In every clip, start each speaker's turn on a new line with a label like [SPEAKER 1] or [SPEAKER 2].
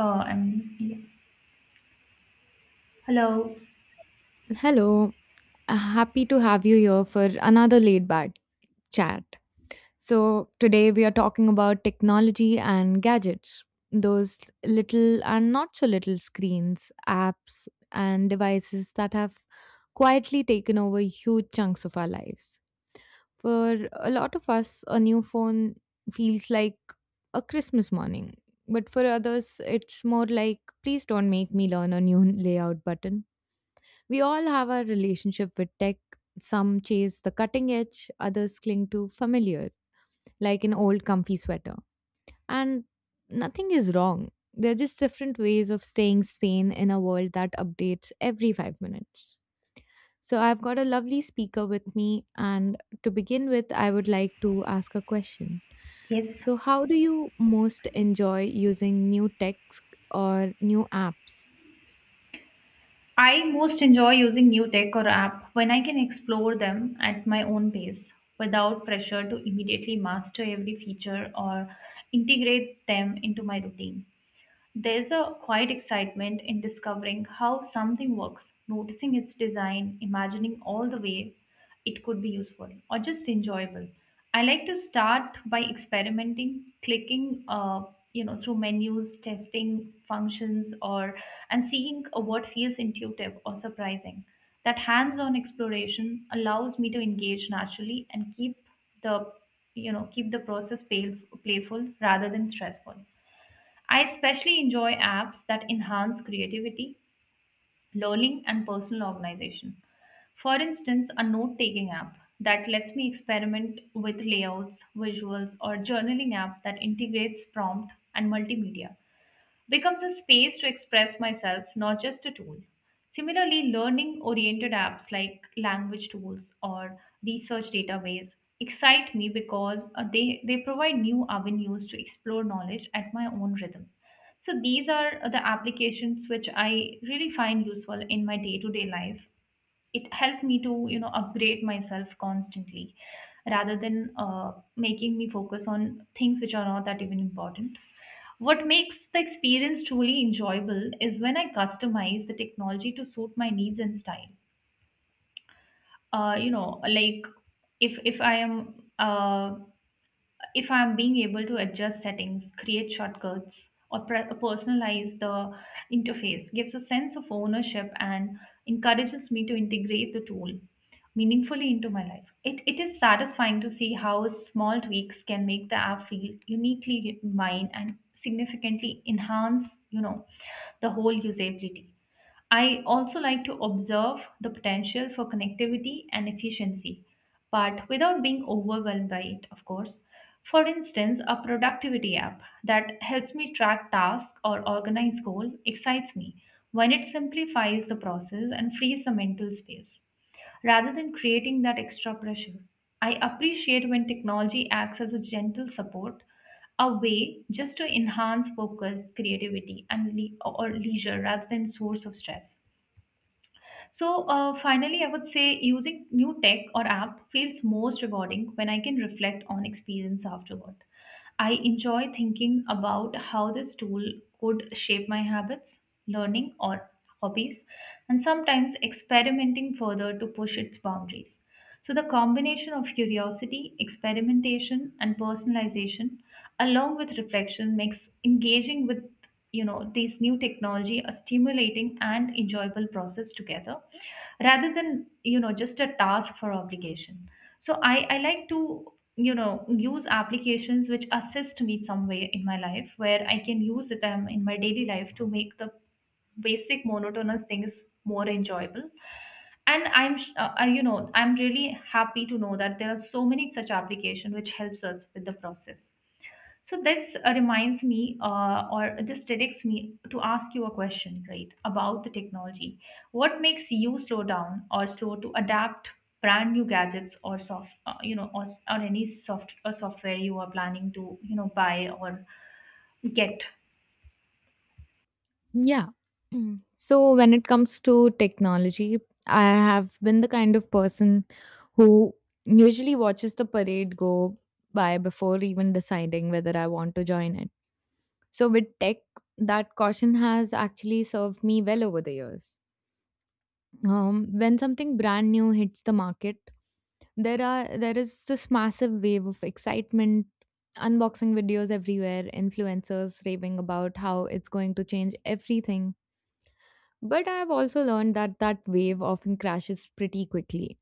[SPEAKER 1] Uh, um, yeah. Hello.
[SPEAKER 2] Hello. Happy to have you here for another laid back chat. So, today we are talking about technology and gadgets. Those little and not so little screens, apps, and devices that have quietly taken over huge chunks of our lives. For a lot of us, a new phone feels like a Christmas morning, but for others, it's more like, please don't make me learn a new layout button. We all have our relationship with tech. Some chase the cutting edge, others cling to familiar, like an old comfy sweater. And nothing is wrong. They're just different ways of staying sane in a world that updates every 5 minutes. So, I've got a lovely speaker with me, and to begin with, I would like to ask a question.
[SPEAKER 1] Yes.
[SPEAKER 2] So, how do you most enjoy using new tech or new apps?
[SPEAKER 1] I most enjoy using new tech or app when I can explore them at my own pace without pressure to immediately master every feature or integrate them into my routine. There's a quiet excitement in discovering how something works, noticing its design, imagining all the way it could be useful or just enjoyable. I like to start by experimenting, clicking, through menus, testing functions, or and seeing what feels intuitive or surprising. That hands-on exploration allows me to engage naturally and keep the, you know, keep the process playful rather than stressful. I especially enjoy apps that enhance creativity, learning, and personal organization. For instance, a note taking app that lets me experiment with layouts, visuals, or journaling app that integrates prompt and multimedia becomes a space to express myself, not just a tool. Similarly, learning oriented apps like language tools or research database excite me because they provide new avenues to explore knowledge at my own rhythm. So, these are the applications which I really find useful in my day to day life. It helped me to, upgrade myself constantly rather than making me focus on things which are not that even important. What makes the experience truly enjoyable is when I customize the technology to suit my needs and style. Like, if if I am uh, if I'm being able to adjust settings, create shortcuts, or personalize the interface, gives a sense of ownership and encourages me to integrate the tool meaningfully into my life. It is satisfying to see how small tweaks can make the app feel uniquely mine and significantly enhance, the whole usability. I also like to observe the potential for connectivity and efficiency, but without being overwhelmed by it, of course. For instance, a productivity app that helps me track tasks or organize goals excites me when it simplifies the process and frees the mental space rather than creating that extra pressure. I appreciate when technology acts as a gentle support, a way just to enhance focus, creativity, and le- or leisure rather than source of stress. So, finally, I would say using new tech or app feels most rewarding when I can reflect on experience afterward. I enjoy thinking about how this tool could shape my habits, learning, or hobbies, and sometimes experimenting further to push its boundaries. So, the combination of curiosity, experimentation, and personalization, along with reflection, makes engaging with these new technology a stimulating and enjoyable process together rather than just a task for obligation. So I like to use applications which assist me some way in my life where I can use them in my daily life to make the basic monotonous things more enjoyable. And I'm really happy to know that there are so many such applications which helps us with the process. So this reminds me, or this directs me to ask you a question, right, about the technology. What makes you slow down or slow to adapt brand new gadgets or or any soft or software you are planning to, buy or get?
[SPEAKER 2] Yeah. Mm. So when it comes to technology, I have been the kind of person who usually watches the parade go by before even deciding whether I want to join it. So with tech, that caution has actually served me well over the years. When something brand new hits the market, there is this massive wave of excitement, unboxing videos everywhere, influencers raving about how it's going to change everything. But I've also learned that that wave often crashes pretty quickly,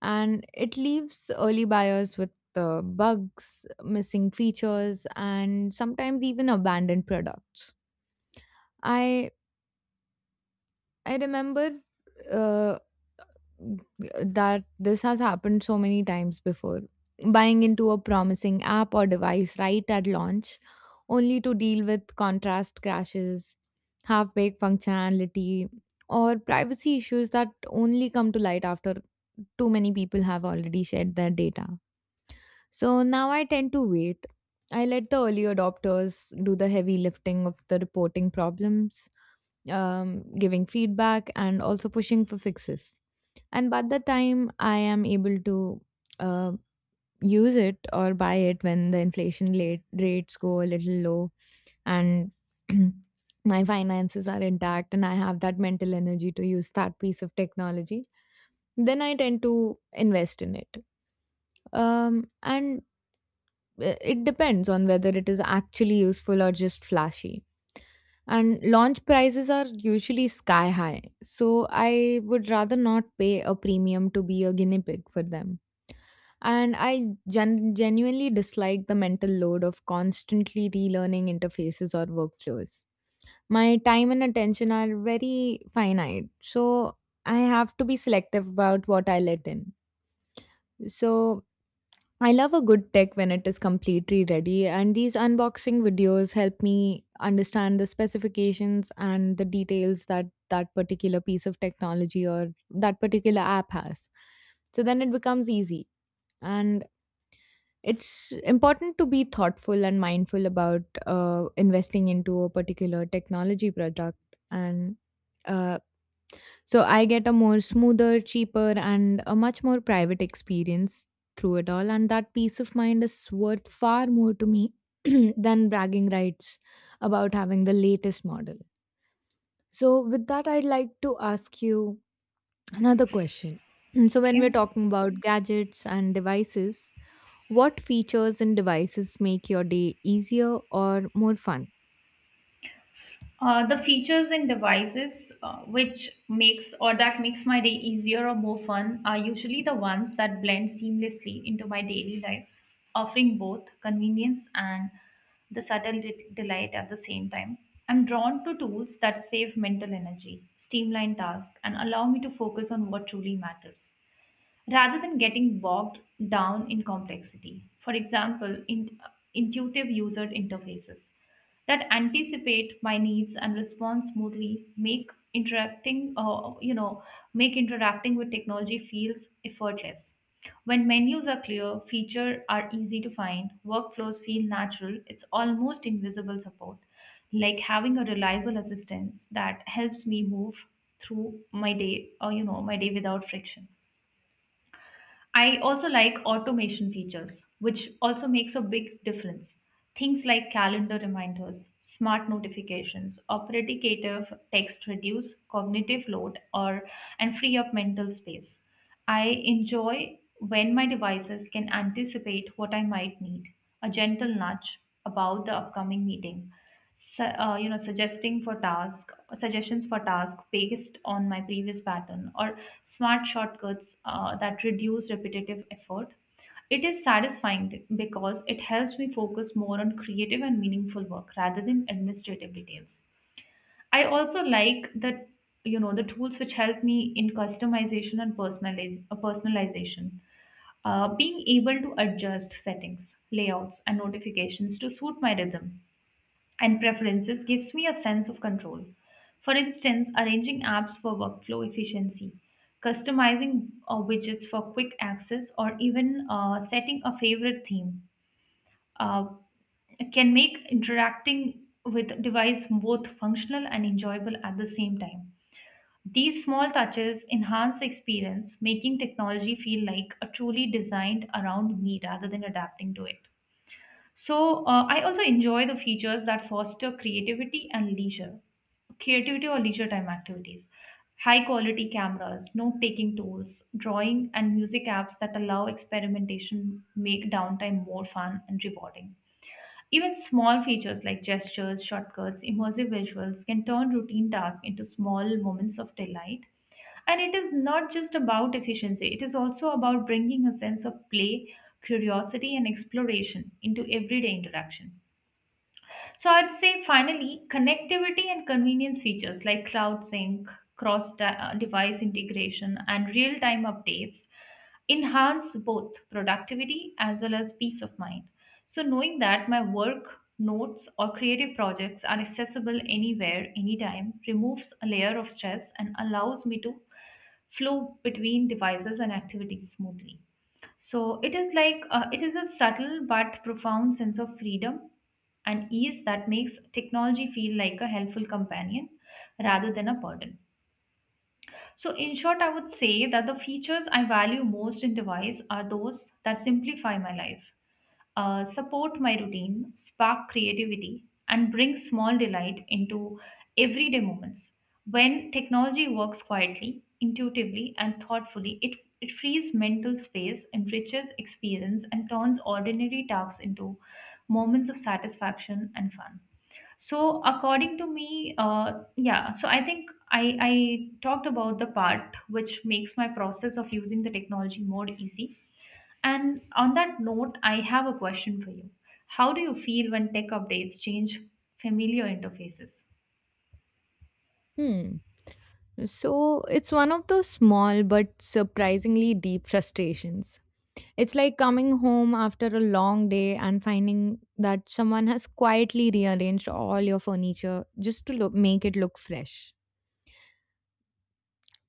[SPEAKER 2] and it leaves early buyers with bugs, missing features, and sometimes even abandoned products. I I remember uh, that this has happened so many times before. Buying into a promising app or device right at launch, only to deal with contrast crashes, half baked functionality, or privacy issues that only come to light after too many people have already shared their data. So now I tend to wait. I let the early adopters do the heavy lifting of the reporting problems, giving feedback, and also pushing for fixes. And by the time I am able to uh, use it or buy it, when the inflation late rates go a little low and my finances are intact and I have that mental energy to use that piece of technology, then I tend to invest in it. And It depends on whether it is actually useful or just flashy, and launch prices are usually sky high, so I would rather not pay a premium to be a guinea pig for them. And I genuinely dislike the mental load of constantly relearning interfaces or workflows. My time and attention are very finite, so I have to be selective about what I let in. So I love a good tech when it is completely ready, and these unboxing videos help me understand the specifications and the details that particular piece of technology or that particular app has. So then it becomes easy. And it's important to be thoughtful and mindful about investing into a particular technology product. And uh, so I get a more smoother, cheaper, and a much more private experience through it all. And that peace of mind is worth far more to me than bragging rights about having the latest model. So, with that, I'd like to ask you another question. So, when we're
[SPEAKER 1] Okay.
[SPEAKER 2] talking about gadgets and devices, what features and devices make your day easier or more fun?
[SPEAKER 1] The features and devices which makes or that makes my day easier or more fun are usually the ones that blend seamlessly into my daily life, offering both convenience and the subtle delight at the same time. I'm drawn to tools that save mental energy, streamline tasks, and allow me to focus on what truly matters rather than getting bogged down in complexity. For example, intuitive user interfaces that anticipate my needs and respond smoothly make interacting you know make interacting with technology feels effortless when menus are clear, features are easy to find, workflows feel natural, it's almost invisible support, like having a reliable assistance that helps me move through my day without friction. I also like automation features, which also makes a big difference. Things like calendar reminders, smart notifications, or text reduce cognitive load or and free up mental space. I enjoy when my devices can anticipate what I might need, a gentle nudge about the upcoming meeting, su- you know suggesting for task suggestions for task based on my previous pattern or smart shortcuts that reduce repetitive effort. It is satisfying because it helps me focus more on creative and meaningful work rather than administrative details. I also like that the tools which help me in customization and personalization being able to adjust settings, layouts, and notifications to suit my rhythm and preferences gives me a sense of control. For instance, arranging apps for workflow efficiency, customizing widgets for quick access, or even setting a favorite theme uh, can make interacting with device both functional and enjoyable at the same time. These small touches enhance the experience, making technology feel like a truly designed around me rather than adapting to it. So, I also enjoy the features that foster creativity or leisure time activities, high quality cameras, note taking tools, drawing, and music apps that allow experimentation make downtime more fun and rewarding. Even small features like gestures, shortcuts, immersive visuals can turn routine tasks into small moments of delight. And it is not just about efficiency, it is also about bringing a sense of play, curiosity, and exploration into everyday interaction. So I'd say finally, connectivity and convenience features like cloud sync, cross device integration, and real time updates enhance both productivity as well as peace of mind. So knowing that my work, notes, or creative projects are accessible anywhere, anytime, removes a layer of stress and allows me to flow between devices and activities smoothly. So it is like it is a subtle but profound sense of freedom and ease that makes technology feel like a helpful companion rather than a burden. So in short, I would say that the features I value most in device are those that simplify my life, support my routine, spark creativity, and bring small delight into everyday moments. When technology works quietly, intuitively, and thoughtfully, it frees mental space, enriches experience, and turns ordinary tasks into moments of satisfaction and fun. So, according to me, yeah, so I think I talked about the part which makes my process of using the technology more easy, and on that note, I have a question for you. How do you feel when tech updates change familiar interfaces?
[SPEAKER 2] Hmm. So it's one of those small but surprisingly deep frustrations. It's like coming home after a long day and finding that someone has quietly rearranged all your furniture just to look, make it look fresh.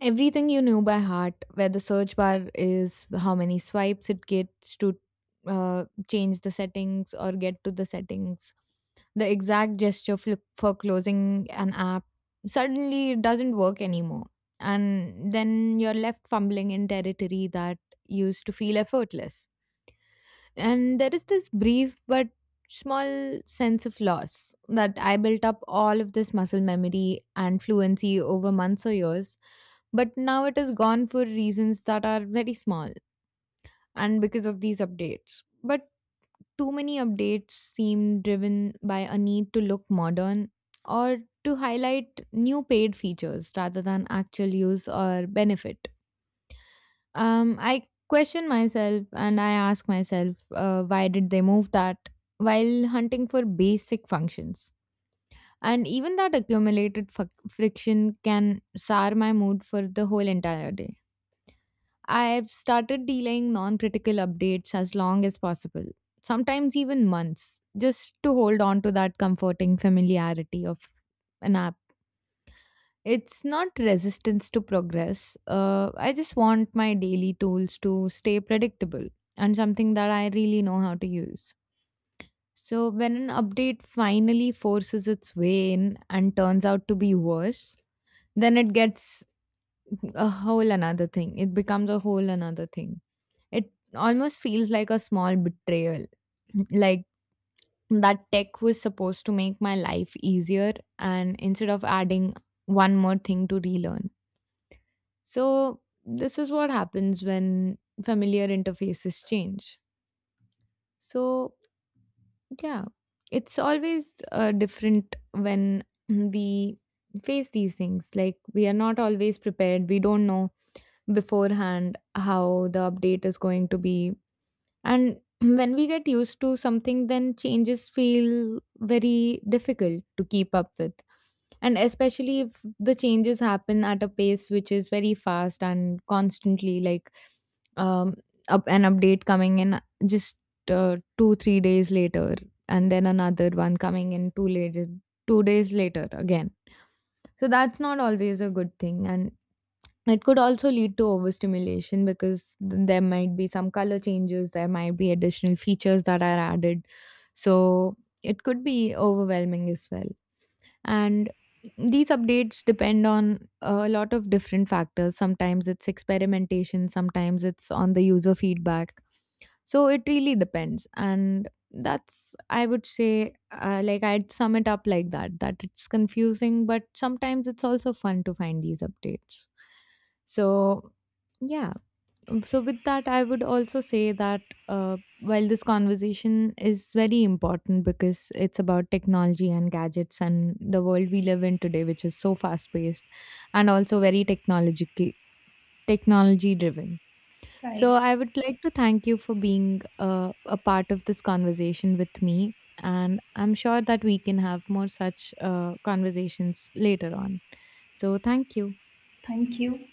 [SPEAKER 2] Everything you knew by heart, where the search bar is, how many swipes it gets to change the settings or get to the settings, the exact for closing an app, suddenly it doesn't work anymore, and then you're left fumbling in territory that used to feel effortless. And there is this brief but small sense of loss that I built up all of this muscle memory and fluency over months or years. But now it is gone for reasons that are very small and because of these updates. But too many updates seem driven by a need to look modern or to highlight new paid features rather than actual use or benefit. I question myself and I ask myself, why did they move that while hunting for basic functions? And even that accumulated friction can sour my mood for the whole entire day. I've started delaying non critical updates as long as possible, sometimes even months, just to hold on to that comforting familiarity of an app. It's not resistance to progress. I just want my daily tools to stay predictable and something that I really know how to use. So, when an update finally forces its way in and turns out to be worse, then it gets a whole another thing. It becomes a whole another thing. It almost feels like a small betrayal. Like that tech was supposed to make my life easier, and instead of adding one more thing to relearn. So, this is what happens when familiar interfaces change. So, yeah, it's always different when we face these things. Like, we are not always prepared, we don't know beforehand how the update is going to be. And when we get used to something, then changes feel very difficult to keep up with, and especially if the changes happen at a pace which is very fast and constantly, like um, up an update coming in just 2 3 days later and then another one coming in 2 later, 2 days later again. So that's not always a good thing, and it could also lead to overstimulation, because there might be some color changes, there might be additional features that are added, so it could be overwhelming as well. And these updates depend on a lot of different factors. Sometimes it's experimentation, sometimes it's on the user feedback. So it really depends. And that's, I would say, like, I'd sum it up like that, that it's confusing, but sometimes it's also fun to find these updates. So, yeah. So with that, I would also say that uh, while this conversation is very important because it's about technology and gadgets and the world we live in today, which is so fast paced and also very technological technology driven, so
[SPEAKER 1] Right.
[SPEAKER 2] I would like to thank you for being a part of this conversation with me, and I'm sure that we can have more such conversations later on. So thank you.
[SPEAKER 1] Thank you.